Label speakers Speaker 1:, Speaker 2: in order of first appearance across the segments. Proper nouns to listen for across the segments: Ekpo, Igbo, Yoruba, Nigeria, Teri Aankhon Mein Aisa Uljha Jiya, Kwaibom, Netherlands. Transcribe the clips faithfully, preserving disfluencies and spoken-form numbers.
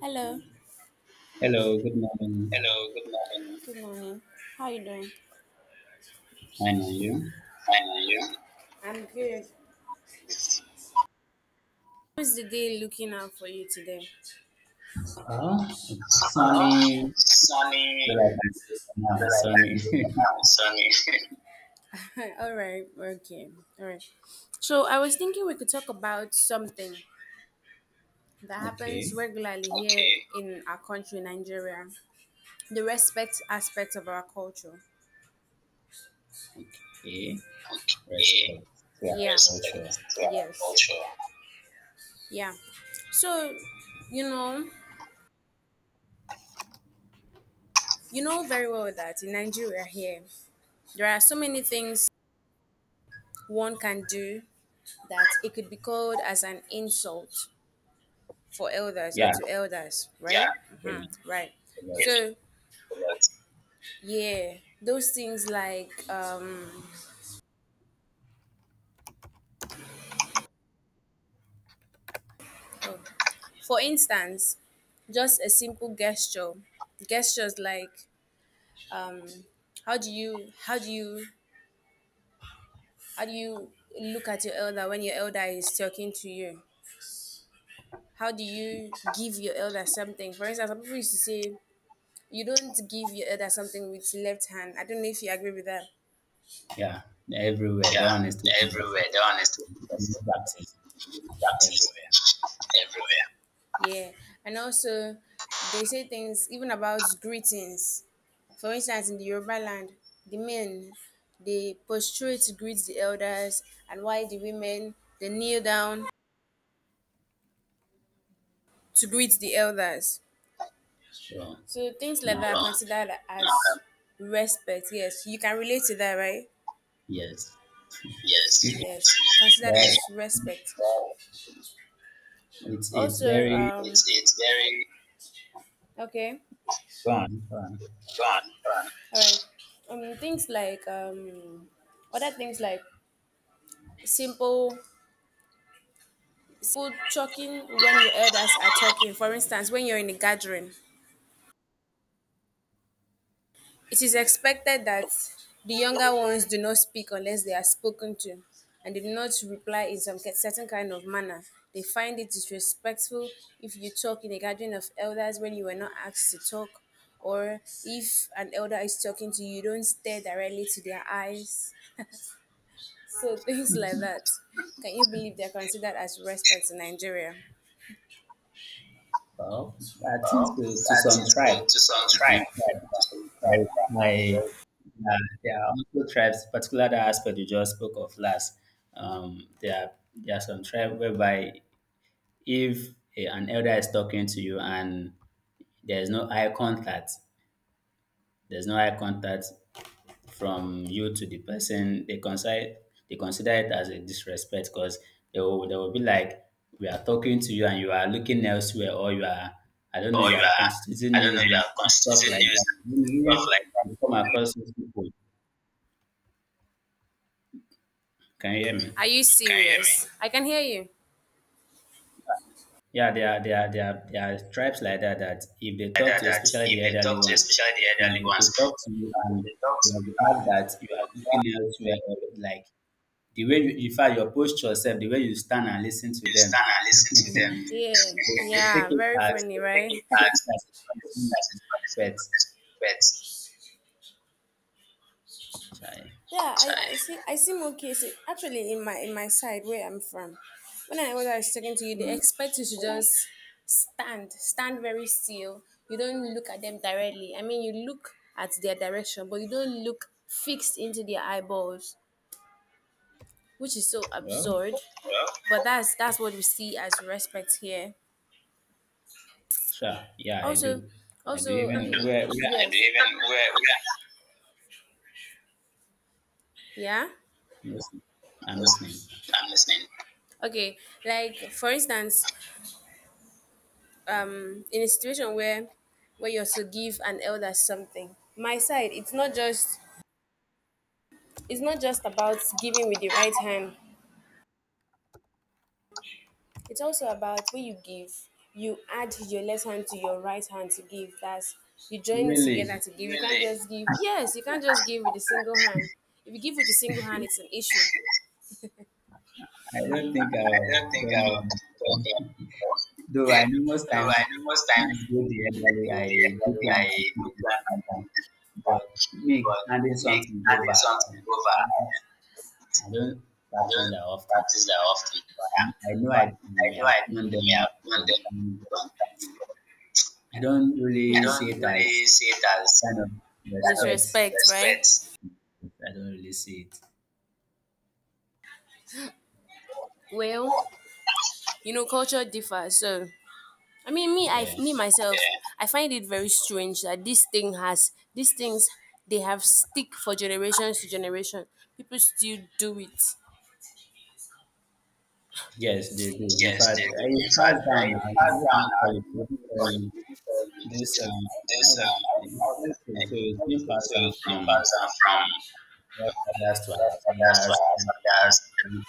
Speaker 1: Hello.
Speaker 2: Hello, good morning.
Speaker 1: Hello, good morning. Good morning. How you doing?
Speaker 2: Fine, and you?
Speaker 1: Fine, and you? I'm good. How's the day looking out for you today?
Speaker 2: Uh, it's
Speaker 1: Uh,
Speaker 2: sunny.
Speaker 1: it's sunny,
Speaker 2: Well, I can say for now,
Speaker 1: but
Speaker 2: it's
Speaker 1: I can't do it
Speaker 2: sunny.
Speaker 1: now. It's sunny. All right. Okay. All right. So I was thinking we could talk about something that happens
Speaker 2: Okay,
Speaker 1: regularly here, okay, in our country, Nigeria, the respect aspect of our culture.
Speaker 2: okay.
Speaker 1: Okay.
Speaker 2: Respect to our
Speaker 1: Yeah. Respect
Speaker 2: culture.
Speaker 1: to our, yes, culture. Yeah. So, you know, you know very well that in Nigeria here, there are so many things one can do that it could be called as an insult for elders or
Speaker 2: Yeah,
Speaker 1: to elders, right? Yeah, right?
Speaker 2: a lot.
Speaker 1: Hmm. Right.
Speaker 2: a
Speaker 1: it's
Speaker 2: lot.
Speaker 1: So, correct. Yeah, those things like, um, for instance, just a simple gesture, gestures like, um, how do you, how do you, how do you look at your elder when your elder is talking to you? How do you give your elder something? For instance, some people used to say you don't give your elder something with left hand. I don't know if you agree with that.
Speaker 2: Yeah, everywhere. That one is
Speaker 1: Yeah,
Speaker 2: taking
Speaker 1: everywhere.
Speaker 2: yourself.
Speaker 1: That one is,
Speaker 2: Practice
Speaker 1: that is
Speaker 2: everywhere.
Speaker 1: everywhere. Yeah, and also they say things even about greetings. For instance, in the Yoruba land, the men they prostrate to greet the elders, and while the women they kneel down to greet the elders.
Speaker 2: So,
Speaker 1: So things like that are, well,
Speaker 2: um,
Speaker 1: considered as, um, respect. Yes, you can relate to that, right?
Speaker 2: yes.
Speaker 1: Yes. Yes, are considered as
Speaker 2: Well,
Speaker 1: respect.
Speaker 2: it's it's
Speaker 1: Also,
Speaker 2: very
Speaker 1: um, It's it's very okay,
Speaker 2: gone. gone.
Speaker 1: gone. All right. Um, things like, um, other things like simple, simple talking when your elders are talking. For instance, when you're in a gathering, it is expected that the younger ones do not speak unless they are spoken to, and they do not reply in some ki- certain kind of manner. They find it disrespectful if you talk in a gathering of elders when you were not asked to talk, or if an elder is talking to you, don't stare directly to their eyes. So things like that. Can you believe they're considered as respect in Nigeria?
Speaker 2: Well, I think
Speaker 1: Well,
Speaker 2: to, to
Speaker 1: I
Speaker 2: some
Speaker 1: think
Speaker 2: tribe,
Speaker 1: so, to some
Speaker 2: to some
Speaker 1: tribe,
Speaker 2: tribe.
Speaker 1: to some
Speaker 2: Like
Speaker 1: tribe.
Speaker 2: my, yeah, there are also tribes, particular that aspect you just spoke of last. Um, there are there are some tribes whereby if a- an elder is talking to you and there is no eye contact, there's no eye contact from you to the person, they consider they consider it as a disrespect because they will they will be like we are talking to you and you are looking elsewhere, or you are, I don't know,
Speaker 1: Or
Speaker 2: you
Speaker 1: you
Speaker 2: are
Speaker 1: are,
Speaker 2: constituting
Speaker 1: I don't know,
Speaker 2: news
Speaker 1: you
Speaker 2: and
Speaker 1: are
Speaker 2: stuff
Speaker 1: constituting
Speaker 2: like that.
Speaker 1: news and
Speaker 2: You
Speaker 1: stuff
Speaker 2: know,
Speaker 1: like that.
Speaker 2: you come across those people. Can you hear me?
Speaker 1: Are you, can you hear me, serious? I can hear you.
Speaker 2: Yeah, there are there are there are, there are tribes like that, that if they
Speaker 1: Like
Speaker 2: talk
Speaker 1: that,
Speaker 2: to,
Speaker 1: that
Speaker 2: especially
Speaker 1: if
Speaker 2: the
Speaker 1: they
Speaker 2: elderly
Speaker 1: talk to, you,
Speaker 2: ones,
Speaker 1: especially the elderly
Speaker 2: if they
Speaker 1: ones,
Speaker 2: talk to you
Speaker 1: if
Speaker 2: and
Speaker 1: they talk
Speaker 2: you
Speaker 1: to you
Speaker 2: observe
Speaker 1: and
Speaker 2: that you are looking elsewhere, or like the way you, in fact your posture yourself, the way you stand and listen to
Speaker 1: you
Speaker 2: them,
Speaker 1: stand and listen to them.
Speaker 2: they,
Speaker 1: Yeah,
Speaker 2: they take
Speaker 1: yeah,
Speaker 2: it
Speaker 1: very
Speaker 2: as
Speaker 1: funny, right?
Speaker 2: take
Speaker 1: Impact.
Speaker 2: it as a punishment of disrespect. Chai.
Speaker 1: Yeah, I, I, sorry, see. I see more cases actually in my in my side where I'm from. When I was I was talking to you, they expect you to just stand, stand very still. You don't look at them directly. I mean, you look at their direction, but you don't look fixed into their eyeballs, which is so
Speaker 2: Well,
Speaker 1: absurd. But that's that's what we see as respect here.
Speaker 2: sure, yeah, I
Speaker 1: Also,
Speaker 2: do. I do
Speaker 1: also, uh, and
Speaker 2: even where
Speaker 1: yes,
Speaker 2: where
Speaker 1: even where, where yeah.
Speaker 2: I'm listening. I'm listening.
Speaker 1: I'm listening. Okay, like for instance, um in a situation where where you're to give an elder something, my side it's not just, it's not just about giving with the right hand, it's also about when you give, you add your left hand to your right hand to give, that's you join it
Speaker 2: Really,
Speaker 1: together to give. You can't, really, just give. Yes, you can't just give with a single hand. If you give with a single hand, it's an issue.
Speaker 2: I don't think
Speaker 1: I
Speaker 2: I've
Speaker 1: don't think
Speaker 2: done that
Speaker 1: I've
Speaker 2: before.
Speaker 1: done that before.
Speaker 2: Though I know most
Speaker 1: Though
Speaker 2: times
Speaker 1: I know most
Speaker 2: when I
Speaker 1: times
Speaker 2: go there normally
Speaker 1: when
Speaker 2: I
Speaker 1: the
Speaker 2: do
Speaker 1: elderly,
Speaker 2: plan my
Speaker 1: I put
Speaker 2: business
Speaker 1: down my
Speaker 2: in that,
Speaker 1: feet
Speaker 2: but
Speaker 1: down.
Speaker 2: me
Speaker 1: But
Speaker 2: handing
Speaker 1: me
Speaker 2: something over,
Speaker 1: adding
Speaker 2: I
Speaker 1: something over,
Speaker 2: don't, I don't
Speaker 1: I
Speaker 2: practice
Speaker 1: don't
Speaker 2: that often.
Speaker 1: practice that
Speaker 2: Yeah.
Speaker 1: often.
Speaker 2: But
Speaker 1: Yeah.
Speaker 2: I know I
Speaker 1: But
Speaker 2: can,
Speaker 1: I know
Speaker 2: yeah, I've done
Speaker 1: I may
Speaker 2: them
Speaker 1: have done them
Speaker 2: sometimes, but
Speaker 1: sometime.
Speaker 2: I don't
Speaker 1: I
Speaker 2: really see
Speaker 1: don't
Speaker 2: it as
Speaker 1: really see it as
Speaker 2: kind of
Speaker 1: kind of,
Speaker 2: respect.
Speaker 1: disrespect, right, respect.
Speaker 2: I don't really see it.
Speaker 1: Well, you know, culture differs. So, I mean, me, I,
Speaker 2: Yeah.
Speaker 1: me myself, yeah, I find it very strange that this thing has these things they have stick for generations to generation. People still do it.
Speaker 2: Yes, they do. In
Speaker 1: Yes,
Speaker 2: fact,
Speaker 1: they do.
Speaker 2: uh, it's
Speaker 1: In fact,
Speaker 2: passed
Speaker 1: I
Speaker 2: down now.
Speaker 1: have
Speaker 2: What do
Speaker 1: done.
Speaker 2: you call
Speaker 1: I,
Speaker 2: it? What
Speaker 1: what
Speaker 2: do you
Speaker 1: do you
Speaker 2: call
Speaker 1: call it?
Speaker 2: it?
Speaker 1: People call it
Speaker 2: This um, how
Speaker 1: this
Speaker 2: do- uh,
Speaker 1: um
Speaker 2: it's
Speaker 1: model,
Speaker 2: culture.
Speaker 1: and
Speaker 2: So
Speaker 1: it's
Speaker 2: it's
Speaker 1: not
Speaker 2: been
Speaker 1: true. So
Speaker 2: passed down
Speaker 1: it came
Speaker 2: from
Speaker 1: pass from our
Speaker 2: more fathers to our
Speaker 1: fathers to
Speaker 2: fathers and
Speaker 1: our fathers.
Speaker 2: and-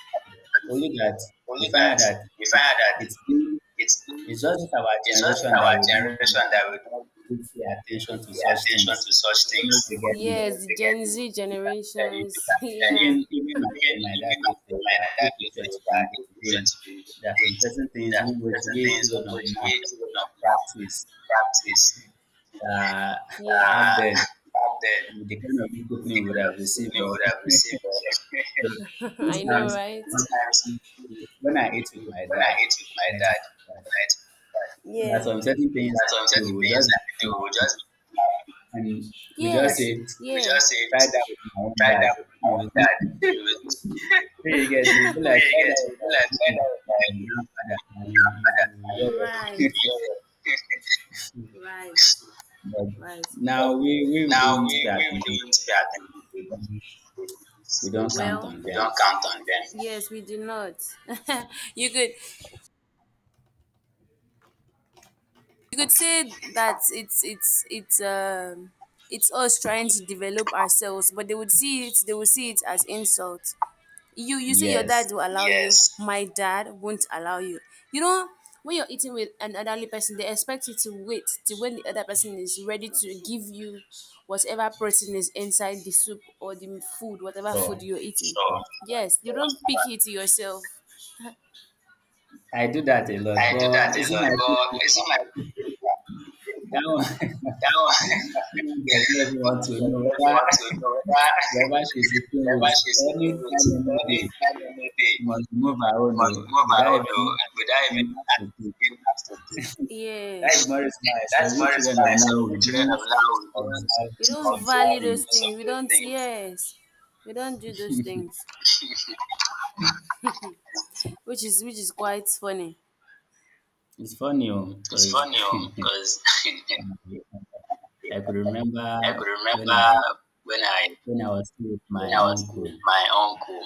Speaker 2: only that we
Speaker 1: Only that
Speaker 2: find out
Speaker 1: we
Speaker 2: that
Speaker 1: find out that
Speaker 2: it's been-
Speaker 1: it's
Speaker 2: it's just our
Speaker 1: it's just
Speaker 2: generation that
Speaker 1: our
Speaker 2: we don't
Speaker 1: generation that we don't
Speaker 2: really pay
Speaker 1: pay
Speaker 2: attention to such
Speaker 1: attention
Speaker 2: things.
Speaker 1: to such
Speaker 2: Don't know if
Speaker 1: things.
Speaker 2: you get me.
Speaker 1: Yes, the, they get Gen Z you
Speaker 2: You can, yeah, you,
Speaker 1: generations. Can hear it.
Speaker 2: even
Speaker 1: Yeah.
Speaker 2: even
Speaker 1: Even
Speaker 2: at home, my dad
Speaker 1: even
Speaker 2: will say
Speaker 1: after my
Speaker 2: that if
Speaker 1: dad
Speaker 2: you
Speaker 1: used
Speaker 2: try
Speaker 1: to
Speaker 2: to
Speaker 1: that
Speaker 2: do
Speaker 1: if you to
Speaker 2: things,
Speaker 1: be
Speaker 2: there are some
Speaker 1: engaged,
Speaker 2: certain things
Speaker 1: that
Speaker 2: in which
Speaker 1: certain
Speaker 2: we
Speaker 1: things
Speaker 2: children
Speaker 1: will
Speaker 2: of now
Speaker 1: motivate you not more
Speaker 2: practice.
Speaker 1: practice.
Speaker 2: uh, Back
Speaker 1: Yeah.
Speaker 2: then
Speaker 1: Uh, back
Speaker 2: with the
Speaker 1: then,
Speaker 2: kind of discipline
Speaker 1: with the
Speaker 2: we would
Speaker 1: kind of
Speaker 2: have
Speaker 1: discipline
Speaker 2: received.
Speaker 1: we would have
Speaker 2: uh, So,
Speaker 1: received. uh, I
Speaker 2: most
Speaker 1: know,
Speaker 2: times
Speaker 1: right? Sometimes
Speaker 2: when I eat with my
Speaker 1: when I
Speaker 2: dad,
Speaker 1: eat with
Speaker 2: when
Speaker 1: my
Speaker 2: I eat with
Speaker 1: dad,
Speaker 2: my dad,
Speaker 1: right,
Speaker 2: there are
Speaker 1: yeah,
Speaker 2: some certain things
Speaker 1: there are
Speaker 2: I
Speaker 1: some
Speaker 2: do.
Speaker 1: certain
Speaker 2: We
Speaker 1: things
Speaker 2: just
Speaker 1: that we
Speaker 2: be
Speaker 1: do. We
Speaker 2: happy,
Speaker 1: just,
Speaker 2: and we just
Speaker 1: yes, we
Speaker 2: say,
Speaker 1: we yeah, just say
Speaker 2: try that with my own
Speaker 1: try
Speaker 2: dad.
Speaker 1: that with my
Speaker 2: You
Speaker 1: own
Speaker 2: will
Speaker 1: dad.
Speaker 2: see.
Speaker 1: You know,
Speaker 2: So you get, you
Speaker 1: you
Speaker 2: feel
Speaker 1: get
Speaker 2: like try that
Speaker 1: it. Be, like,
Speaker 2: with
Speaker 1: try that
Speaker 2: my
Speaker 1: with my,
Speaker 2: grandfather and you you you will
Speaker 1: right,
Speaker 2: hear what.
Speaker 1: right,
Speaker 2: But
Speaker 1: right.
Speaker 2: now
Speaker 1: But
Speaker 2: we we
Speaker 1: now,
Speaker 2: don't pay
Speaker 1: we, we don't
Speaker 2: attention
Speaker 1: pay attention.
Speaker 2: to, we don't count
Speaker 1: Well,
Speaker 2: on
Speaker 1: we
Speaker 2: them.
Speaker 1: don't count on them. Yes, we do not. You could, you could say that it's it's it's um it's us trying to develop ourselves, but they would see it they would see it as insult. You you say your
Speaker 2: Yes,
Speaker 1: dad will allow you. Yes. My dad won't allow you. You know, when you're eating with an elderly person, they expect you to wait till when the other person is ready to give you whatever protein is inside the soup or the food, whatever food
Speaker 2: sure,
Speaker 1: you're eating. So
Speaker 2: sure.
Speaker 1: yes, you don't pick it yourself.
Speaker 2: I do that a lot,
Speaker 1: I do
Speaker 2: but
Speaker 1: that
Speaker 2: is
Speaker 1: a
Speaker 2: it
Speaker 1: lot,
Speaker 2: my good
Speaker 1: but you
Speaker 2: sister?
Speaker 1: see my,
Speaker 2: That one,
Speaker 1: that one
Speaker 2: you do really
Speaker 1: you
Speaker 2: want to know
Speaker 1: really
Speaker 2: whether,
Speaker 1: want to know whether
Speaker 2: whether she's sleeping with
Speaker 1: whether she's
Speaker 2: any
Speaker 1: eating with
Speaker 2: time, any
Speaker 1: any
Speaker 2: day.
Speaker 1: time any day.
Speaker 2: She must remove her own,
Speaker 1: Must
Speaker 2: oh,
Speaker 1: go
Speaker 2: without
Speaker 1: viral though
Speaker 2: even
Speaker 1: without
Speaker 2: asking
Speaker 1: even
Speaker 2: us to keep.
Speaker 1: being asked to do. Yeah.
Speaker 2: That's more reason why I say
Speaker 1: That's
Speaker 2: we
Speaker 1: very
Speaker 2: children of
Speaker 1: smart.
Speaker 2: now
Speaker 1: So
Speaker 2: we
Speaker 1: we children
Speaker 2: don't
Speaker 1: of now we don't,
Speaker 2: observe
Speaker 1: we
Speaker 2: most of
Speaker 1: don't
Speaker 2: those
Speaker 1: value observe those
Speaker 2: things.
Speaker 1: things of we those don't things. Yes, we don't do those things, which is, which is quite funny.
Speaker 2: It's funny
Speaker 1: It's
Speaker 2: because
Speaker 1: funny
Speaker 2: I
Speaker 1: because
Speaker 2: could remember
Speaker 1: I could
Speaker 2: when
Speaker 1: remember
Speaker 2: I
Speaker 1: when I
Speaker 2: when I was still with
Speaker 1: when
Speaker 2: my
Speaker 1: I was still with
Speaker 2: uncle.
Speaker 1: my uncle.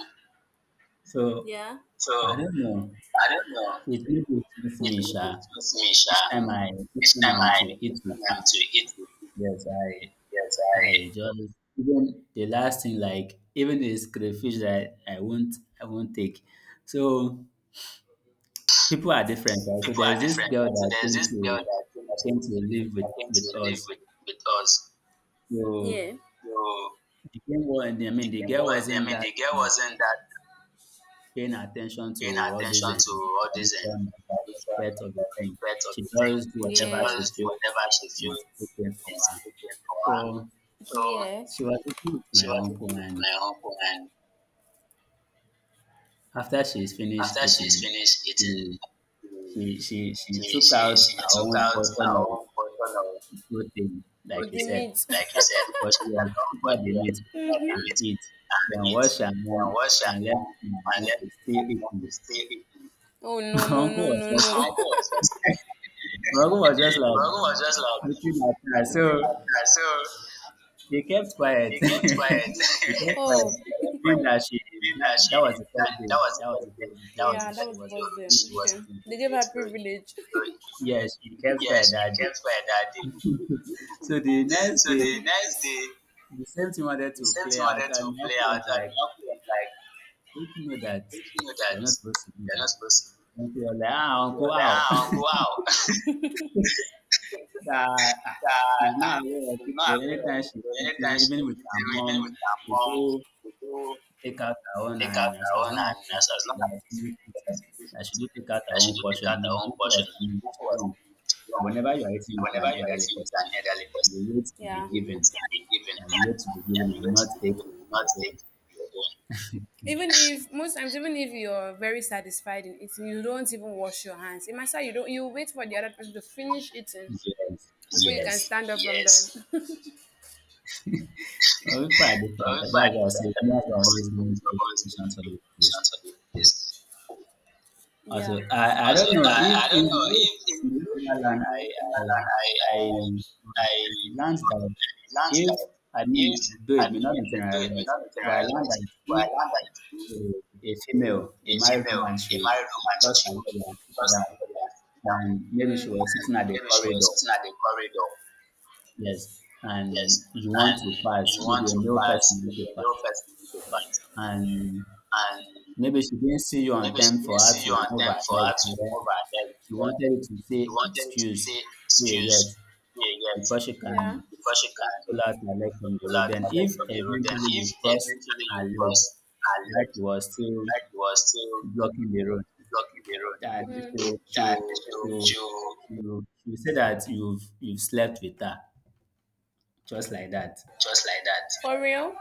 Speaker 2: So
Speaker 1: Yeah. So
Speaker 2: I don't know.
Speaker 1: I don't know.
Speaker 2: It influences
Speaker 1: It
Speaker 2: me,
Speaker 1: really
Speaker 2: sha.
Speaker 1: frustrates me,
Speaker 2: Each
Speaker 1: Sha.
Speaker 2: time I, each
Speaker 1: Each
Speaker 2: time
Speaker 1: time
Speaker 2: I'm to
Speaker 1: I
Speaker 2: eat
Speaker 1: each
Speaker 2: with
Speaker 1: time
Speaker 2: you,
Speaker 1: I'm to eat with him,
Speaker 2: yes,
Speaker 1: yes,
Speaker 2: I, I
Speaker 1: I.
Speaker 2: just, even the last thing, like even this crayfish that I, I won't, I won't take. So people are different, right? So
Speaker 1: People are
Speaker 2: there's this
Speaker 1: different.
Speaker 2: girl
Speaker 1: Right? So
Speaker 2: that
Speaker 1: there's
Speaker 2: came
Speaker 1: this girl
Speaker 2: to,
Speaker 1: that came
Speaker 2: that
Speaker 1: to,
Speaker 2: came to live with
Speaker 1: that came to
Speaker 2: with
Speaker 1: live
Speaker 2: us.
Speaker 1: with, with us.
Speaker 2: So
Speaker 1: Yeah. So
Speaker 2: the girl, wa- I
Speaker 1: the
Speaker 2: mean, the
Speaker 1: girl
Speaker 2: girl
Speaker 1: was, I
Speaker 2: wasn't
Speaker 1: mean,
Speaker 2: that
Speaker 1: the girl
Speaker 2: um,
Speaker 1: wasn't that
Speaker 2: paying attention
Speaker 1: paying
Speaker 2: to all this
Speaker 1: attention
Speaker 2: and
Speaker 1: to all this and
Speaker 2: tradition and the
Speaker 1: different
Speaker 2: respect of the thing.
Speaker 1: aspects of
Speaker 2: She
Speaker 1: the
Speaker 2: does
Speaker 1: thing. She,
Speaker 2: whatever
Speaker 1: yeah,
Speaker 2: she
Speaker 1: does
Speaker 2: feels
Speaker 1: whatever she
Speaker 2: is
Speaker 1: feels
Speaker 2: okay for
Speaker 1: is
Speaker 2: her.
Speaker 1: good for
Speaker 2: So
Speaker 1: her. So yes,
Speaker 2: she was eating with
Speaker 1: she
Speaker 2: my
Speaker 1: was
Speaker 2: uncle,
Speaker 1: eating with
Speaker 2: and
Speaker 1: my uncle, and
Speaker 2: after she's finished
Speaker 1: after she's
Speaker 2: eating,
Speaker 1: finished eating,
Speaker 2: she she she, she
Speaker 1: she
Speaker 2: took
Speaker 1: she,
Speaker 2: out
Speaker 1: she
Speaker 2: her
Speaker 1: took
Speaker 2: own
Speaker 1: out
Speaker 2: portion
Speaker 1: her
Speaker 2: of
Speaker 1: own portion of,
Speaker 2: protein, like
Speaker 1: with
Speaker 2: you
Speaker 1: the
Speaker 2: said.
Speaker 1: meat.
Speaker 2: She took
Speaker 1: Like you
Speaker 2: out her
Speaker 1: said,
Speaker 2: own portion,
Speaker 1: check out
Speaker 2: and she took out
Speaker 1: somebody
Speaker 2: the meat
Speaker 1: else that, mhm, eat
Speaker 2: and eat. Then
Speaker 1: and eat.
Speaker 2: watched her
Speaker 1: Then
Speaker 2: mom
Speaker 1: what shall
Speaker 2: and left
Speaker 1: one
Speaker 2: my
Speaker 1: unless
Speaker 2: uncle still
Speaker 1: one
Speaker 2: eating.
Speaker 1: is still eating? Oh
Speaker 2: My
Speaker 1: no no
Speaker 2: uncle
Speaker 1: no
Speaker 2: was
Speaker 1: no no.
Speaker 2: just
Speaker 1: My
Speaker 2: like
Speaker 1: Uncle was just like,
Speaker 2: my uncle was just
Speaker 1: my
Speaker 2: like
Speaker 1: Uncle was just like
Speaker 2: looking at her.
Speaker 1: looking at
Speaker 2: So
Speaker 1: her. So
Speaker 2: they kept quiet.
Speaker 1: he
Speaker 2: They
Speaker 1: kept
Speaker 2: kept
Speaker 1: quiet. Oh.
Speaker 2: quiet.
Speaker 1: He kept
Speaker 2: Meaning
Speaker 1: quiet.
Speaker 2: that she
Speaker 1: Being
Speaker 2: that,
Speaker 1: that she,
Speaker 2: that was the
Speaker 1: that,
Speaker 2: first day.
Speaker 1: that was the
Speaker 2: That was the
Speaker 1: first day.
Speaker 2: first day.
Speaker 1: That was, yeah,
Speaker 2: So
Speaker 1: the that
Speaker 2: she
Speaker 1: was
Speaker 2: was
Speaker 1: first day. First,
Speaker 2: pushing
Speaker 1: she
Speaker 2: to it
Speaker 1: was, okay,
Speaker 2: with him.
Speaker 1: they gave her
Speaker 2: So
Speaker 1: privilege. So,
Speaker 2: yeah, she kept quiet
Speaker 1: yes, she
Speaker 2: that day.
Speaker 1: kept quiet that day.
Speaker 2: So the next
Speaker 1: So
Speaker 2: day,
Speaker 1: the next day,
Speaker 2: the same thing wanted
Speaker 1: the
Speaker 2: to
Speaker 1: same
Speaker 2: play
Speaker 1: thing
Speaker 2: out,
Speaker 1: wanted
Speaker 2: and
Speaker 1: to
Speaker 2: my
Speaker 1: play
Speaker 2: uncle was
Speaker 1: out, and
Speaker 2: like,
Speaker 1: my Uncle was like,
Speaker 2: "Don't you know that
Speaker 1: if you know
Speaker 2: you're
Speaker 1: that
Speaker 2: not supposed to do
Speaker 1: they're not
Speaker 2: that?"
Speaker 1: supposed
Speaker 2: And she
Speaker 1: to
Speaker 2: was like, "Ah,
Speaker 1: be there,
Speaker 2: uncle,
Speaker 1: like,
Speaker 2: how?"
Speaker 1: ah, Uncle, wow.
Speaker 2: That, ah,
Speaker 1: uh,
Speaker 2: she's not aware of
Speaker 1: she's
Speaker 2: it. So
Speaker 1: not aware of
Speaker 2: anytime
Speaker 1: it.
Speaker 2: she's
Speaker 1: So
Speaker 2: sitting,
Speaker 1: anytime
Speaker 2: even with her
Speaker 1: she's even with
Speaker 2: mom,
Speaker 1: her
Speaker 2: she
Speaker 1: mom,
Speaker 2: go
Speaker 1: we do
Speaker 2: take out her own,
Speaker 1: take
Speaker 2: and
Speaker 1: out
Speaker 2: as,
Speaker 1: her
Speaker 2: as
Speaker 1: own,
Speaker 2: long as
Speaker 1: and
Speaker 2: she's-
Speaker 1: as, as
Speaker 2: she
Speaker 1: long
Speaker 2: has
Speaker 1: as
Speaker 2: finished eating, that she do take out her
Speaker 1: that she
Speaker 2: own
Speaker 1: do take
Speaker 2: portion.
Speaker 1: out
Speaker 2: My
Speaker 1: her own
Speaker 2: example
Speaker 1: portion,
Speaker 2: was
Speaker 1: the
Speaker 2: mm,
Speaker 1: book was
Speaker 2: wrong. And
Speaker 1: long.
Speaker 2: whenever you are eating with an
Speaker 1: Whenever you are
Speaker 2: elderly
Speaker 1: eating with
Speaker 2: person,
Speaker 1: an elderly
Speaker 2: you
Speaker 1: person,
Speaker 2: wait to be
Speaker 1: yeah, you
Speaker 2: given,
Speaker 1: wait to be given,
Speaker 2: and you wait to be given,
Speaker 1: and you
Speaker 2: and
Speaker 1: wait to
Speaker 2: not
Speaker 1: be given,
Speaker 2: take
Speaker 1: you will not
Speaker 2: your own.
Speaker 1: take your own. Even if most times, even if you're very satisfied in eating, you don't even wash your hands in matter. You don't, you wait for the other person to finish eating
Speaker 2: Yes,
Speaker 1: before you can
Speaker 2: yes.
Speaker 1: stand up from them.
Speaker 2: Well, we find
Speaker 1: Yes.
Speaker 2: different.
Speaker 1: Well, if
Speaker 2: That's
Speaker 1: I
Speaker 2: why
Speaker 1: did
Speaker 2: I say
Speaker 1: that, I
Speaker 2: most of
Speaker 1: was
Speaker 2: us don't pay
Speaker 1: thinking
Speaker 2: attention to this.
Speaker 1: to be a yes.
Speaker 2: Also,
Speaker 1: Yeah.
Speaker 2: I, I
Speaker 1: Also,
Speaker 2: don't know if
Speaker 1: I, I
Speaker 2: in
Speaker 1: don't
Speaker 2: the
Speaker 1: know
Speaker 2: New
Speaker 1: if in
Speaker 2: in the Netherlands,
Speaker 1: in
Speaker 2: I,
Speaker 1: Netherlands,
Speaker 2: I,
Speaker 1: I, I, I
Speaker 2: I, I learned that
Speaker 1: learned
Speaker 2: if,
Speaker 1: that
Speaker 2: I mean,
Speaker 1: if,
Speaker 2: though it
Speaker 1: I
Speaker 2: may not
Speaker 1: mean,
Speaker 2: be
Speaker 1: though it may
Speaker 2: generalized,
Speaker 1: not be
Speaker 2: but I learned
Speaker 1: generalized,
Speaker 2: that
Speaker 1: but I
Speaker 2: if
Speaker 1: learned that if
Speaker 2: a, a female, a
Speaker 1: a
Speaker 2: married
Speaker 1: female,
Speaker 2: woman,
Speaker 1: a
Speaker 2: she will
Speaker 1: married woman,
Speaker 2: cross
Speaker 1: she
Speaker 2: her
Speaker 1: would
Speaker 2: leg and sit
Speaker 1: just
Speaker 2: down,
Speaker 1: like sit down.
Speaker 2: and maybe she
Speaker 1: Mm.
Speaker 2: was
Speaker 1: And
Speaker 2: sitting at the
Speaker 1: maybe she was
Speaker 2: corridor,
Speaker 1: sitting at the corridor,
Speaker 2: yes, and
Speaker 1: yes,
Speaker 2: you want to
Speaker 1: and
Speaker 2: pass,
Speaker 1: you want
Speaker 2: maybe a
Speaker 1: to
Speaker 2: male
Speaker 1: pass,
Speaker 2: person want to
Speaker 1: maybe a little
Speaker 2: pass,
Speaker 1: person to pass.
Speaker 2: and
Speaker 1: And
Speaker 2: maybe she didn't see you on
Speaker 1: maybe she
Speaker 2: time for
Speaker 1: didn't
Speaker 2: her
Speaker 1: see
Speaker 2: to
Speaker 1: you on
Speaker 2: remove
Speaker 1: time
Speaker 2: her
Speaker 1: for her to
Speaker 2: leg.
Speaker 1: remove her belt.
Speaker 2: She wanted to say
Speaker 1: You wanted to
Speaker 2: excuse
Speaker 1: say
Speaker 2: me yet
Speaker 1: excuse, yeah, yes,
Speaker 2: before she
Speaker 1: yeah,
Speaker 2: can
Speaker 1: before she can
Speaker 2: pull out her leg from the
Speaker 1: pull
Speaker 2: road.
Speaker 1: out
Speaker 2: Then
Speaker 1: her leg
Speaker 2: if
Speaker 1: from the road. Then
Speaker 2: eventually you
Speaker 1: if
Speaker 2: cross
Speaker 1: eventually
Speaker 2: her
Speaker 1: you
Speaker 2: leg,
Speaker 1: cross her
Speaker 2: right,
Speaker 1: leg,
Speaker 2: she was still
Speaker 1: like you was still
Speaker 2: blocking the road,
Speaker 1: blocking the
Speaker 2: that
Speaker 1: road, mm,
Speaker 2: she'll
Speaker 1: that
Speaker 2: she'll
Speaker 1: she will,
Speaker 2: she'll
Speaker 1: she will
Speaker 2: she'll, she'll say that you've you've slept with her. Just like that.
Speaker 1: just like that. For real?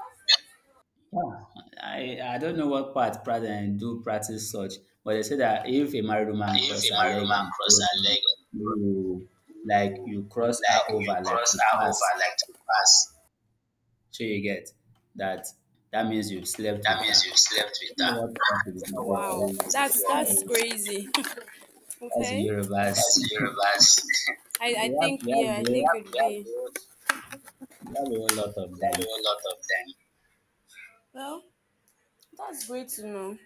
Speaker 2: Yeah. I, I don't know what part president do practice such, but they say that if a married woman
Speaker 1: If
Speaker 2: cross
Speaker 1: a
Speaker 2: her
Speaker 1: married
Speaker 2: leg
Speaker 1: woman
Speaker 2: on the
Speaker 1: cross
Speaker 2: road,
Speaker 1: her leg,
Speaker 2: you, like
Speaker 1: you,
Speaker 2: you cross her
Speaker 1: like you
Speaker 2: over like
Speaker 1: cross
Speaker 2: to
Speaker 1: her
Speaker 2: pass.
Speaker 1: over like to pass,
Speaker 2: So you get that that means you've slept
Speaker 1: that
Speaker 2: with
Speaker 1: means
Speaker 2: her.
Speaker 1: you
Speaker 2: I
Speaker 1: slept with
Speaker 2: don't know what
Speaker 1: her.
Speaker 2: that is, but
Speaker 1: Wow.
Speaker 2: it's,
Speaker 1: That's that's crazy.
Speaker 2: that's the
Speaker 1: Okay.
Speaker 2: Yorubas.
Speaker 1: That's Yorubas. I, I
Speaker 2: We have
Speaker 1: think
Speaker 2: we have
Speaker 1: yeah,
Speaker 2: the
Speaker 1: I think
Speaker 2: whole,
Speaker 1: have, it'd we be a
Speaker 2: we have a whole lot of them.
Speaker 1: a lot of them. Well, that's great to know.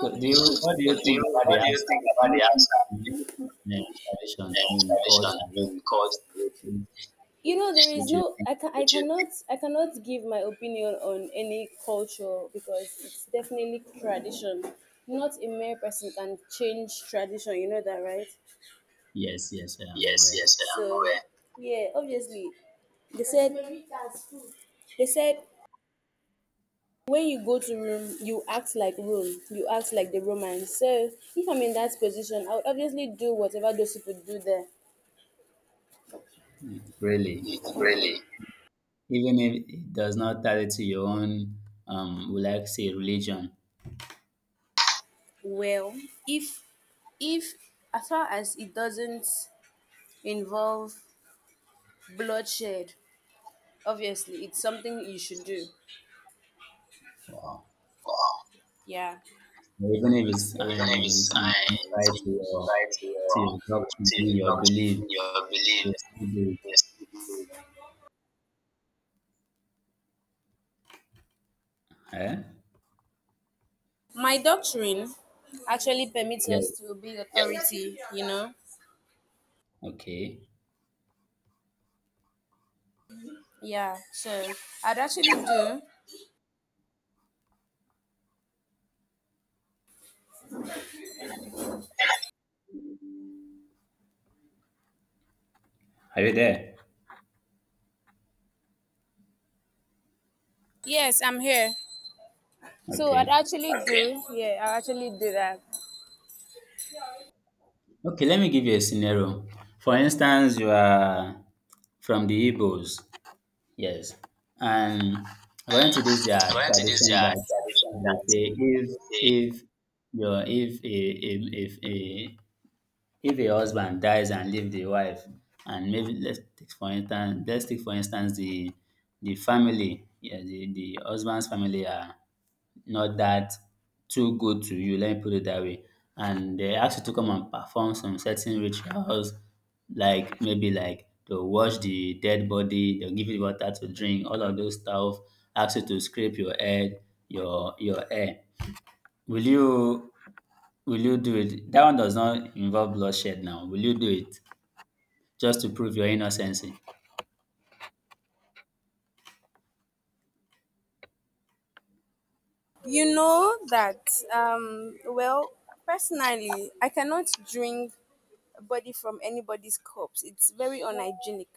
Speaker 2: So do you, what do
Speaker 1: So
Speaker 2: you
Speaker 1: do
Speaker 2: think
Speaker 1: you,
Speaker 2: about the
Speaker 1: what do you
Speaker 2: answer?
Speaker 1: think
Speaker 2: Do
Speaker 1: about
Speaker 2: you
Speaker 1: the
Speaker 2: think
Speaker 1: answer? Do you think
Speaker 2: it's a tradition, I
Speaker 1: the
Speaker 2: mean culture
Speaker 1: tradition, I
Speaker 2: which,
Speaker 1: mean, culture, you know there is
Speaker 2: which you
Speaker 1: no
Speaker 2: think,
Speaker 1: I can I cannot I cannot give my opinion on any culture because it's definitely tradition. Not a mere person can change tradition. You know that, right?
Speaker 2: yes, yes, I am
Speaker 1: Yes,
Speaker 2: aware.
Speaker 1: yes, I'm so aware. Yeah, obviously they said they said when you go to Rome, you act like Rome. You act like the Romans. So if I'm in that position, I would obviously do whatever those people do there.
Speaker 2: It really.
Speaker 1: Really?
Speaker 2: Even if it does not tie to your own, um will I say religion.
Speaker 1: Well, if if as far as it doesn't involve bloodshed. Obviously, it's something you should do.
Speaker 2: Wow.
Speaker 1: Yeah.
Speaker 2: Even if it's,
Speaker 1: Even
Speaker 2: uh,
Speaker 1: if
Speaker 2: it's
Speaker 1: it's uh,
Speaker 2: tied to your,
Speaker 1: try to
Speaker 2: to
Speaker 1: your
Speaker 2: your doctrine,
Speaker 1: to your
Speaker 2: your belief,
Speaker 1: doctrine, your belief,
Speaker 2: you still do
Speaker 1: yes.
Speaker 2: it. Eh?
Speaker 1: My doctrine actually permits us
Speaker 2: Yes.
Speaker 1: to obey, yeah, authority, you know?
Speaker 2: Okay.
Speaker 1: Yeah. So I'd actually do.
Speaker 2: Are you there?
Speaker 1: Yes, I'm here. So I'd
Speaker 2: Okay.
Speaker 1: actually, okay, do. Yeah, I'll actually do that.
Speaker 2: Okay, let me give you a scenario. For instance, you are from the Igbos. Yes. And according to this their
Speaker 1: According to this, there
Speaker 2: tradition
Speaker 1: are
Speaker 2: that
Speaker 1: traditions
Speaker 2: they
Speaker 1: that
Speaker 2: say
Speaker 1: they
Speaker 2: if
Speaker 1: say.
Speaker 2: if your, if a, a, if a, if a husband dies and leave the wife, and maybe let's take for instance let's take for instance the the family, yeah, the the husband's family are not that too good to you, let me put it that way, and they ask you to come and perform some certain rituals like maybe, like they'll wash the dead body, they'll give you water to drink, all of those stuff, ask you to scrape your head, your your hair. Will you, will you do it? That one does not involve bloodshed now. Will you do it? Just to prove your innocence. But
Speaker 1: You know that, um, well, personally, I cannot drink body from anybody's cups. It's very unhygienic.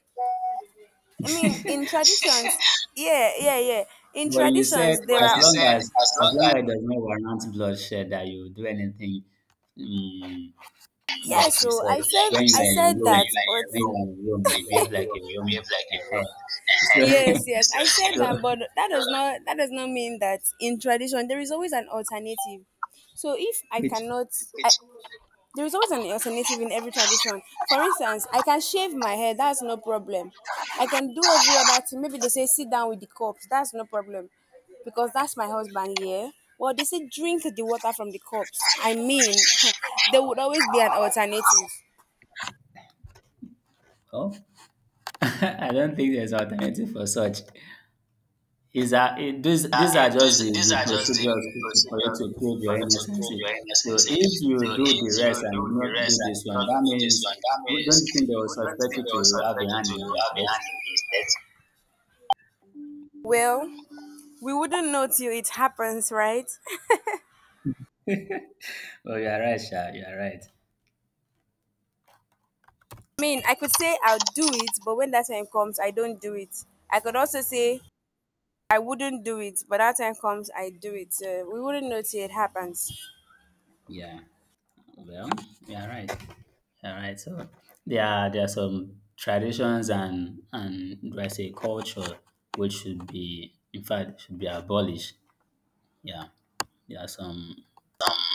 Speaker 1: I mean, in traditions, yeah, yeah, yeah. In
Speaker 2: you said
Speaker 1: traditions, there but
Speaker 2: as
Speaker 1: are you are
Speaker 2: long
Speaker 1: said
Speaker 2: as
Speaker 1: as
Speaker 2: as
Speaker 1: long
Speaker 2: long
Speaker 1: as,
Speaker 2: as it does not warrant bloodshed, that you do anything. Mm,
Speaker 1: yeah.
Speaker 2: like you
Speaker 1: So
Speaker 2: said,
Speaker 1: I said, you
Speaker 2: when
Speaker 1: I
Speaker 2: you
Speaker 1: said
Speaker 2: are in
Speaker 1: said that,
Speaker 2: Rome,
Speaker 1: like but a
Speaker 2: when you
Speaker 1: room,
Speaker 2: are in Rome, you behave like a
Speaker 1: you behave
Speaker 2: Roman.
Speaker 1: like a room.
Speaker 2: Ehen. So,
Speaker 1: yes, yes, so, I said
Speaker 2: so
Speaker 1: that, but that does not that does not mean that in tradition there is always an alternative. So if I
Speaker 2: which?
Speaker 1: cannot, I, there is always an alternative in every tradition. For instance, I can shave my hair, that's no problem. I can do every other thing. Maybe they say sit down with the cups, that's no problem. Because that's my husband, yeah. Well, they say drink the water from the cups. I mean, there would always be an alternative.
Speaker 2: Oh, I don't think there's alternative for such. Is that it, these
Speaker 1: Uh,
Speaker 2: these are
Speaker 1: in
Speaker 2: just the,
Speaker 1: this, these
Speaker 2: the
Speaker 1: are just the,
Speaker 2: procedures
Speaker 1: the
Speaker 2: to- for you
Speaker 1: procedures
Speaker 2: to prove your
Speaker 1: for you to
Speaker 2: innocence?
Speaker 1: prove your
Speaker 2: So
Speaker 1: innocency.
Speaker 2: if
Speaker 1: So
Speaker 2: you do
Speaker 1: if
Speaker 2: the
Speaker 1: you
Speaker 2: rest
Speaker 1: do
Speaker 2: and
Speaker 1: the
Speaker 2: not
Speaker 1: rest
Speaker 2: do
Speaker 1: and
Speaker 2: this
Speaker 1: do
Speaker 2: one,
Speaker 1: not
Speaker 2: that
Speaker 1: do this
Speaker 2: means,
Speaker 1: one, that means
Speaker 2: don't you think they will
Speaker 1: we don't
Speaker 2: suspect
Speaker 1: think
Speaker 2: you
Speaker 1: they
Speaker 2: to
Speaker 1: will
Speaker 2: have a
Speaker 1: suspect you
Speaker 2: hand
Speaker 1: to
Speaker 2: in his
Speaker 1: have a hand
Speaker 2: death?
Speaker 1: in this. That's, well, we wouldn't know till it happens, right?
Speaker 2: Oh, you are right, Sha. You are right.
Speaker 1: I mean, I could say I'll do it, but when that time comes, I don't do it. I could also say I wouldn't do it, but that time comes, I do it. Uh, we wouldn't know till it happens.
Speaker 2: Yeah. Well, you are right. You are right. So there are there are some traditions and and do I say culture which should be, in fact should be abolished. Yeah. There are some,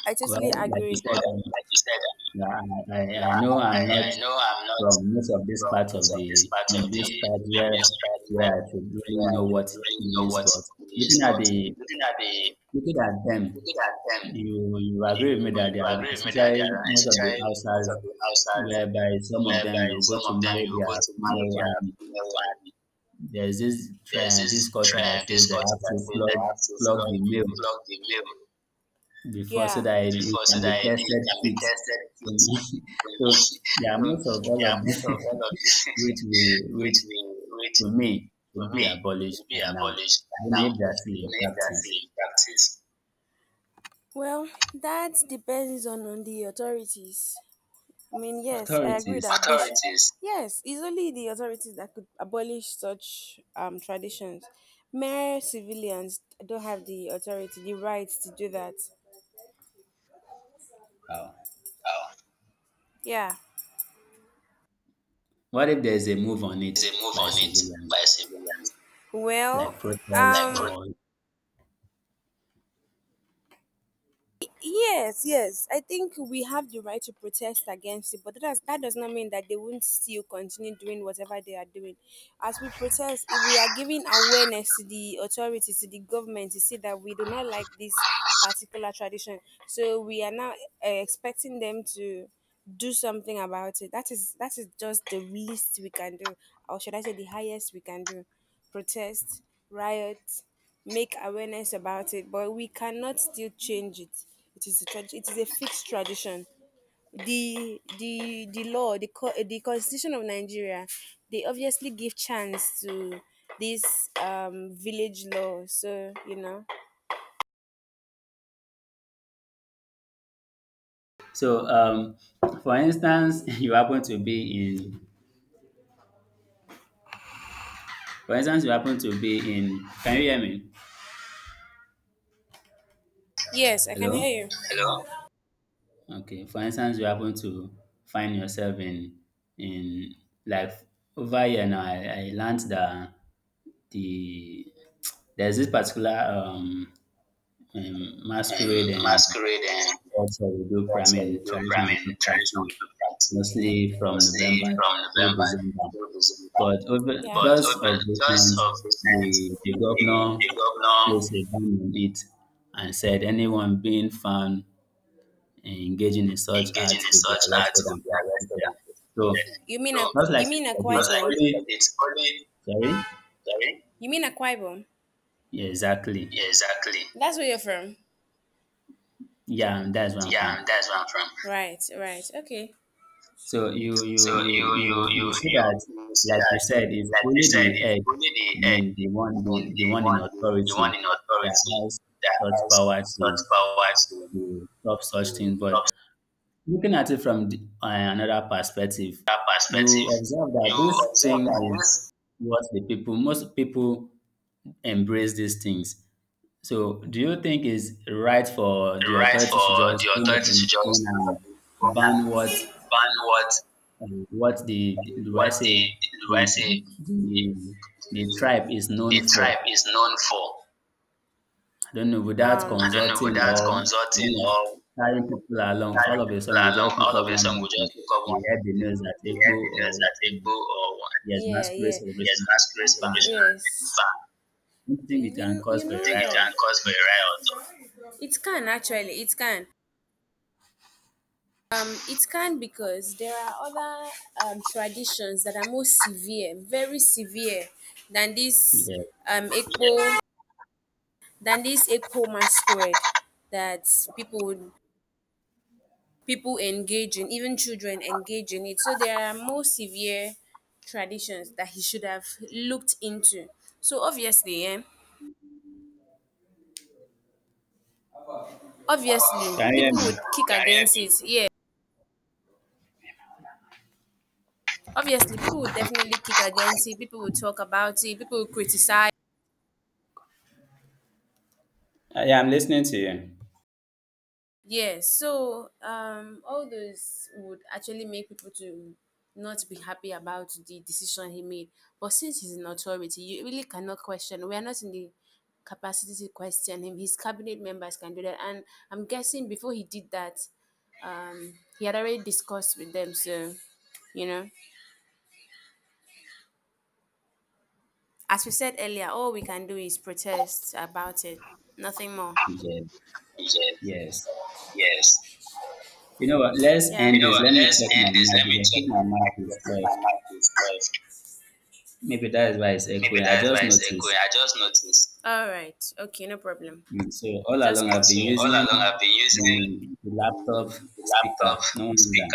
Speaker 1: I
Speaker 2: well,
Speaker 1: totally
Speaker 2: like you
Speaker 1: agree.
Speaker 2: said,
Speaker 1: Well,
Speaker 2: um,
Speaker 1: like you said,
Speaker 2: yeah, I,
Speaker 1: uh,
Speaker 2: I I know
Speaker 1: I,
Speaker 2: I'm not
Speaker 1: I, know I'm not
Speaker 2: from most of these
Speaker 1: from
Speaker 2: parts
Speaker 1: most
Speaker 2: of
Speaker 1: of
Speaker 2: the
Speaker 1: this part of
Speaker 2: Philippine
Speaker 1: the
Speaker 2: tribes where
Speaker 1: religious tribe
Speaker 2: where
Speaker 1: where,
Speaker 2: I should really
Speaker 1: where I
Speaker 2: know
Speaker 1: should
Speaker 2: what it
Speaker 1: really know
Speaker 2: means.
Speaker 1: what
Speaker 2: But
Speaker 1: it
Speaker 2: looking
Speaker 1: means,
Speaker 2: at
Speaker 1: but
Speaker 2: the
Speaker 1: looking at the
Speaker 2: looking at them,
Speaker 1: looking at them,
Speaker 2: you you agree with me
Speaker 1: you,
Speaker 2: that they
Speaker 1: you
Speaker 2: are,
Speaker 1: agree with me that they
Speaker 2: especially
Speaker 1: are
Speaker 2: most of the
Speaker 1: especially most
Speaker 2: outsiders
Speaker 1: of the outsiders
Speaker 2: whereby some of them
Speaker 1: whereby
Speaker 2: you go
Speaker 1: some
Speaker 2: to
Speaker 1: of them
Speaker 2: marry
Speaker 1: you will
Speaker 2: their
Speaker 1: go to marry
Speaker 2: female,
Speaker 1: their
Speaker 2: and
Speaker 1: female and
Speaker 2: there's this
Speaker 1: there's
Speaker 2: trend, this
Speaker 1: this
Speaker 2: culture that
Speaker 1: trend,
Speaker 2: says
Speaker 1: this
Speaker 2: they
Speaker 1: culture
Speaker 2: have
Speaker 1: that
Speaker 2: to
Speaker 1: says they
Speaker 2: flog,
Speaker 1: have to
Speaker 2: flog
Speaker 1: flog,
Speaker 2: the male
Speaker 1: flog the male,
Speaker 2: before so
Speaker 1: yeah,
Speaker 2: that it, it
Speaker 1: before so
Speaker 2: can be
Speaker 1: that it, it
Speaker 2: tested
Speaker 1: can be
Speaker 2: fit.
Speaker 1: tested fit.
Speaker 2: So yeah,
Speaker 1: So
Speaker 2: most of all
Speaker 1: yeah,
Speaker 2: of
Speaker 1: most
Speaker 2: this
Speaker 1: of all of this,
Speaker 2: which we,
Speaker 1: which
Speaker 2: which
Speaker 1: we, which,
Speaker 2: to me,
Speaker 1: to
Speaker 2: should be
Speaker 1: me, will
Speaker 2: abolished by
Speaker 1: be
Speaker 2: now,
Speaker 1: abolished by
Speaker 2: even
Speaker 1: now.
Speaker 2: if they're still in
Speaker 1: Even if they
Speaker 2: practice.
Speaker 1: in practice. Well, that depends on, on the authorities. I mean, yes, I agree that
Speaker 2: Authorities,
Speaker 1: they should. Authorities. Yes, it's only the authorities that could abolish such um traditions. Mere civilians don't have the authority, the right to do that.
Speaker 2: wow.
Speaker 1: Oh, yeah.
Speaker 2: What if there's a move on it
Speaker 1: There's a move
Speaker 2: by
Speaker 1: on it
Speaker 2: civilians,
Speaker 1: by civilians. Well,
Speaker 2: like
Speaker 1: like
Speaker 2: protest
Speaker 1: um, pro-
Speaker 2: or
Speaker 1: yes, yes. I think we have the right to protest against it, but that does, that does not mean that they won't still continue doing whatever they are doing. As we protest, if we are giving awareness to the authorities, to the government, to see that we do not like this particular tradition, so we are now uh, expecting them to do something about it. That is that is just the least we can do, or should I say, the highest we can do, protest, riot, make awareness about it, but we cannot still change it. It is a trad- it is a fixed tradition. The the the law, the co- the constitution of Nigeria, they obviously give chance to this um village law. So you know,
Speaker 2: so? Um, for instance, you happen to be in, for instance, you happen to be in. Can you hear me?
Speaker 1: yes, I can
Speaker 2: Hello.
Speaker 1: hear you. Hello,
Speaker 2: Okay. For instance, you happen to find yourself in in like over here now. I, I learned that the, there's this particular um, um
Speaker 1: um,
Speaker 2: masquerade, and
Speaker 1: masquerade. That's
Speaker 2: also, we do, I
Speaker 1: how
Speaker 2: mean,
Speaker 1: we do,
Speaker 2: traditional,
Speaker 1: I
Speaker 2: we do
Speaker 1: mean, traditional
Speaker 2: practice
Speaker 1: we do practice
Speaker 2: mostly from
Speaker 1: mostly
Speaker 2: November
Speaker 1: from
Speaker 2: to
Speaker 1: November
Speaker 2: December.
Speaker 1: to December.
Speaker 2: But over
Speaker 1: Yeah. But
Speaker 2: just
Speaker 1: over,
Speaker 2: of
Speaker 1: because
Speaker 2: recent,
Speaker 1: of
Speaker 2: the,
Speaker 1: recent,
Speaker 2: the governor
Speaker 1: the, the governor
Speaker 2: placed a ban on it and said anyone being found engaging in such
Speaker 1: engaging
Speaker 2: acts
Speaker 1: in
Speaker 2: will be
Speaker 1: such
Speaker 2: arrested
Speaker 1: acts will
Speaker 2: and
Speaker 1: be arrested
Speaker 2: prosecuted.
Speaker 1: and
Speaker 2: So,
Speaker 1: prosecuted. You mean so, a so,
Speaker 2: not like
Speaker 1: you
Speaker 2: you
Speaker 1: mean a
Speaker 2: said,
Speaker 1: because
Speaker 2: it's
Speaker 1: like Kwaibom?
Speaker 2: only,
Speaker 1: It's only,
Speaker 2: sorry?
Speaker 1: sorry? You mean a Kwaibom?
Speaker 2: Yeah, exactly.
Speaker 1: Yeah, exactly. That's where you're from.
Speaker 2: Yeah, that's where I'm from.
Speaker 1: Yeah, that's where I'm from. Right, right. Okay.
Speaker 2: So you
Speaker 1: So
Speaker 2: you you
Speaker 1: you you
Speaker 2: you
Speaker 1: you
Speaker 2: you see
Speaker 1: you,
Speaker 2: that,
Speaker 1: you see
Speaker 2: like you
Speaker 1: that,
Speaker 2: said, it's
Speaker 1: like you
Speaker 2: only
Speaker 1: said,
Speaker 2: the
Speaker 1: it's
Speaker 2: head,
Speaker 1: only the
Speaker 2: I
Speaker 1: head,
Speaker 2: mean the one,
Speaker 1: and the
Speaker 2: the, the one in
Speaker 1: one the, the one
Speaker 2: authority
Speaker 1: in
Speaker 2: that
Speaker 1: authority
Speaker 2: has
Speaker 1: that
Speaker 2: such
Speaker 1: has
Speaker 2: power
Speaker 1: such
Speaker 2: to
Speaker 1: power to
Speaker 2: to stop such
Speaker 1: to
Speaker 2: things. But
Speaker 1: stop
Speaker 2: looking at it from the, uh, another perspective,
Speaker 1: that
Speaker 2: you
Speaker 1: perspective.
Speaker 2: observe that
Speaker 1: You
Speaker 2: this thing
Speaker 1: observe that
Speaker 2: is
Speaker 1: this
Speaker 2: what the people, most people embrace these things. So do you think it's right for the
Speaker 1: right
Speaker 2: authority to
Speaker 1: for
Speaker 2: just
Speaker 1: the
Speaker 2: stand up
Speaker 1: authority
Speaker 2: on
Speaker 1: to
Speaker 2: its own
Speaker 1: just do what
Speaker 2: and
Speaker 1: they want
Speaker 2: ban what,
Speaker 1: and ban what
Speaker 2: and what the, do I
Speaker 1: what
Speaker 2: say
Speaker 1: the do I
Speaker 2: the,
Speaker 1: say the,
Speaker 2: the the
Speaker 1: the,
Speaker 2: tribe is known
Speaker 1: the tribe
Speaker 2: for.
Speaker 1: is known for.
Speaker 2: I don't know, without
Speaker 1: Um, I don't know,
Speaker 2: consulting
Speaker 1: without
Speaker 2: or you
Speaker 1: consulting
Speaker 2: know,
Speaker 1: or
Speaker 2: carrying
Speaker 1: you know,
Speaker 2: people along. All
Speaker 1: carrying
Speaker 2: of a
Speaker 1: people
Speaker 2: sudden, we
Speaker 1: along,
Speaker 2: just look
Speaker 1: all
Speaker 2: up
Speaker 1: of a
Speaker 2: one
Speaker 1: sudden
Speaker 2: day
Speaker 1: we
Speaker 2: and
Speaker 1: just look up
Speaker 2: we
Speaker 1: one
Speaker 2: heard
Speaker 1: day.
Speaker 2: the news that
Speaker 1: We
Speaker 2: Igbo
Speaker 1: heard the news
Speaker 2: or
Speaker 1: that
Speaker 2: um,
Speaker 1: Igbo or one,
Speaker 2: yes,
Speaker 1: yeah,
Speaker 2: masquerade
Speaker 1: yeah,
Speaker 2: celebration
Speaker 1: yes, mass grave
Speaker 2: and van.
Speaker 1: celebration has
Speaker 2: Don't you
Speaker 1: been,
Speaker 2: think it
Speaker 1: yes, banned. You
Speaker 2: can
Speaker 1: kn-
Speaker 2: cause
Speaker 1: you
Speaker 2: for
Speaker 1: You
Speaker 2: a
Speaker 1: know think it that
Speaker 2: riot
Speaker 1: can cause for
Speaker 2: or
Speaker 1: a riot? Or- it can actually it can um it can because there are other um traditions that are more severe, very severe than
Speaker 2: something?
Speaker 1: this
Speaker 2: Yeah.
Speaker 1: um yeah, than this Ekpo masquerade that people would people engage in, even children engage in it. So there are more severe traditions that he should have looked into. So obviously, yeah, obviously
Speaker 2: Can you hear
Speaker 1: people would
Speaker 2: me?
Speaker 1: kick against it. Yeah, obviously people would definitely kick against it. People would talk about it. People would criticize.
Speaker 2: Uh, yeah, I'm listening to you.
Speaker 1: Yeah, so um, all those would actually make people to not be happy about the decision he made. But since he's in authority, you really cannot question. We are not in the capacity to question him. His cabinet members can do that, and I'm guessing before he did that, um, he had already discussed with them. So, you know, as we said earlier, all we can do is protest about it, nothing more.
Speaker 2: Yes,
Speaker 1: Yes,
Speaker 2: yes.
Speaker 1: yes.
Speaker 2: You know what? Let's
Speaker 1: Yeah. You
Speaker 2: end
Speaker 1: know
Speaker 2: this.
Speaker 1: what?
Speaker 2: Let me
Speaker 1: Let's
Speaker 2: check my
Speaker 1: end this.
Speaker 2: mic,
Speaker 1: Let me
Speaker 2: because I
Speaker 1: check
Speaker 2: think my
Speaker 1: my mic
Speaker 2: mic
Speaker 1: because
Speaker 2: is
Speaker 1: I think my
Speaker 2: off.
Speaker 1: mic is off.
Speaker 2: Maybe that is why it's
Speaker 1: Maybe
Speaker 2: echoing. I
Speaker 1: that's
Speaker 2: just
Speaker 1: why it's echoing.
Speaker 2: noticed.
Speaker 1: I just noticed. All right. Okay, no problem.
Speaker 2: Mm, So all
Speaker 1: Just
Speaker 2: along
Speaker 1: come.
Speaker 2: I've been
Speaker 1: So all
Speaker 2: using
Speaker 1: along, I've been
Speaker 2: the,
Speaker 1: using
Speaker 2: the laptop
Speaker 1: the
Speaker 2: speaker,
Speaker 1: laptop
Speaker 2: no
Speaker 1: speaker.
Speaker 2: wonder.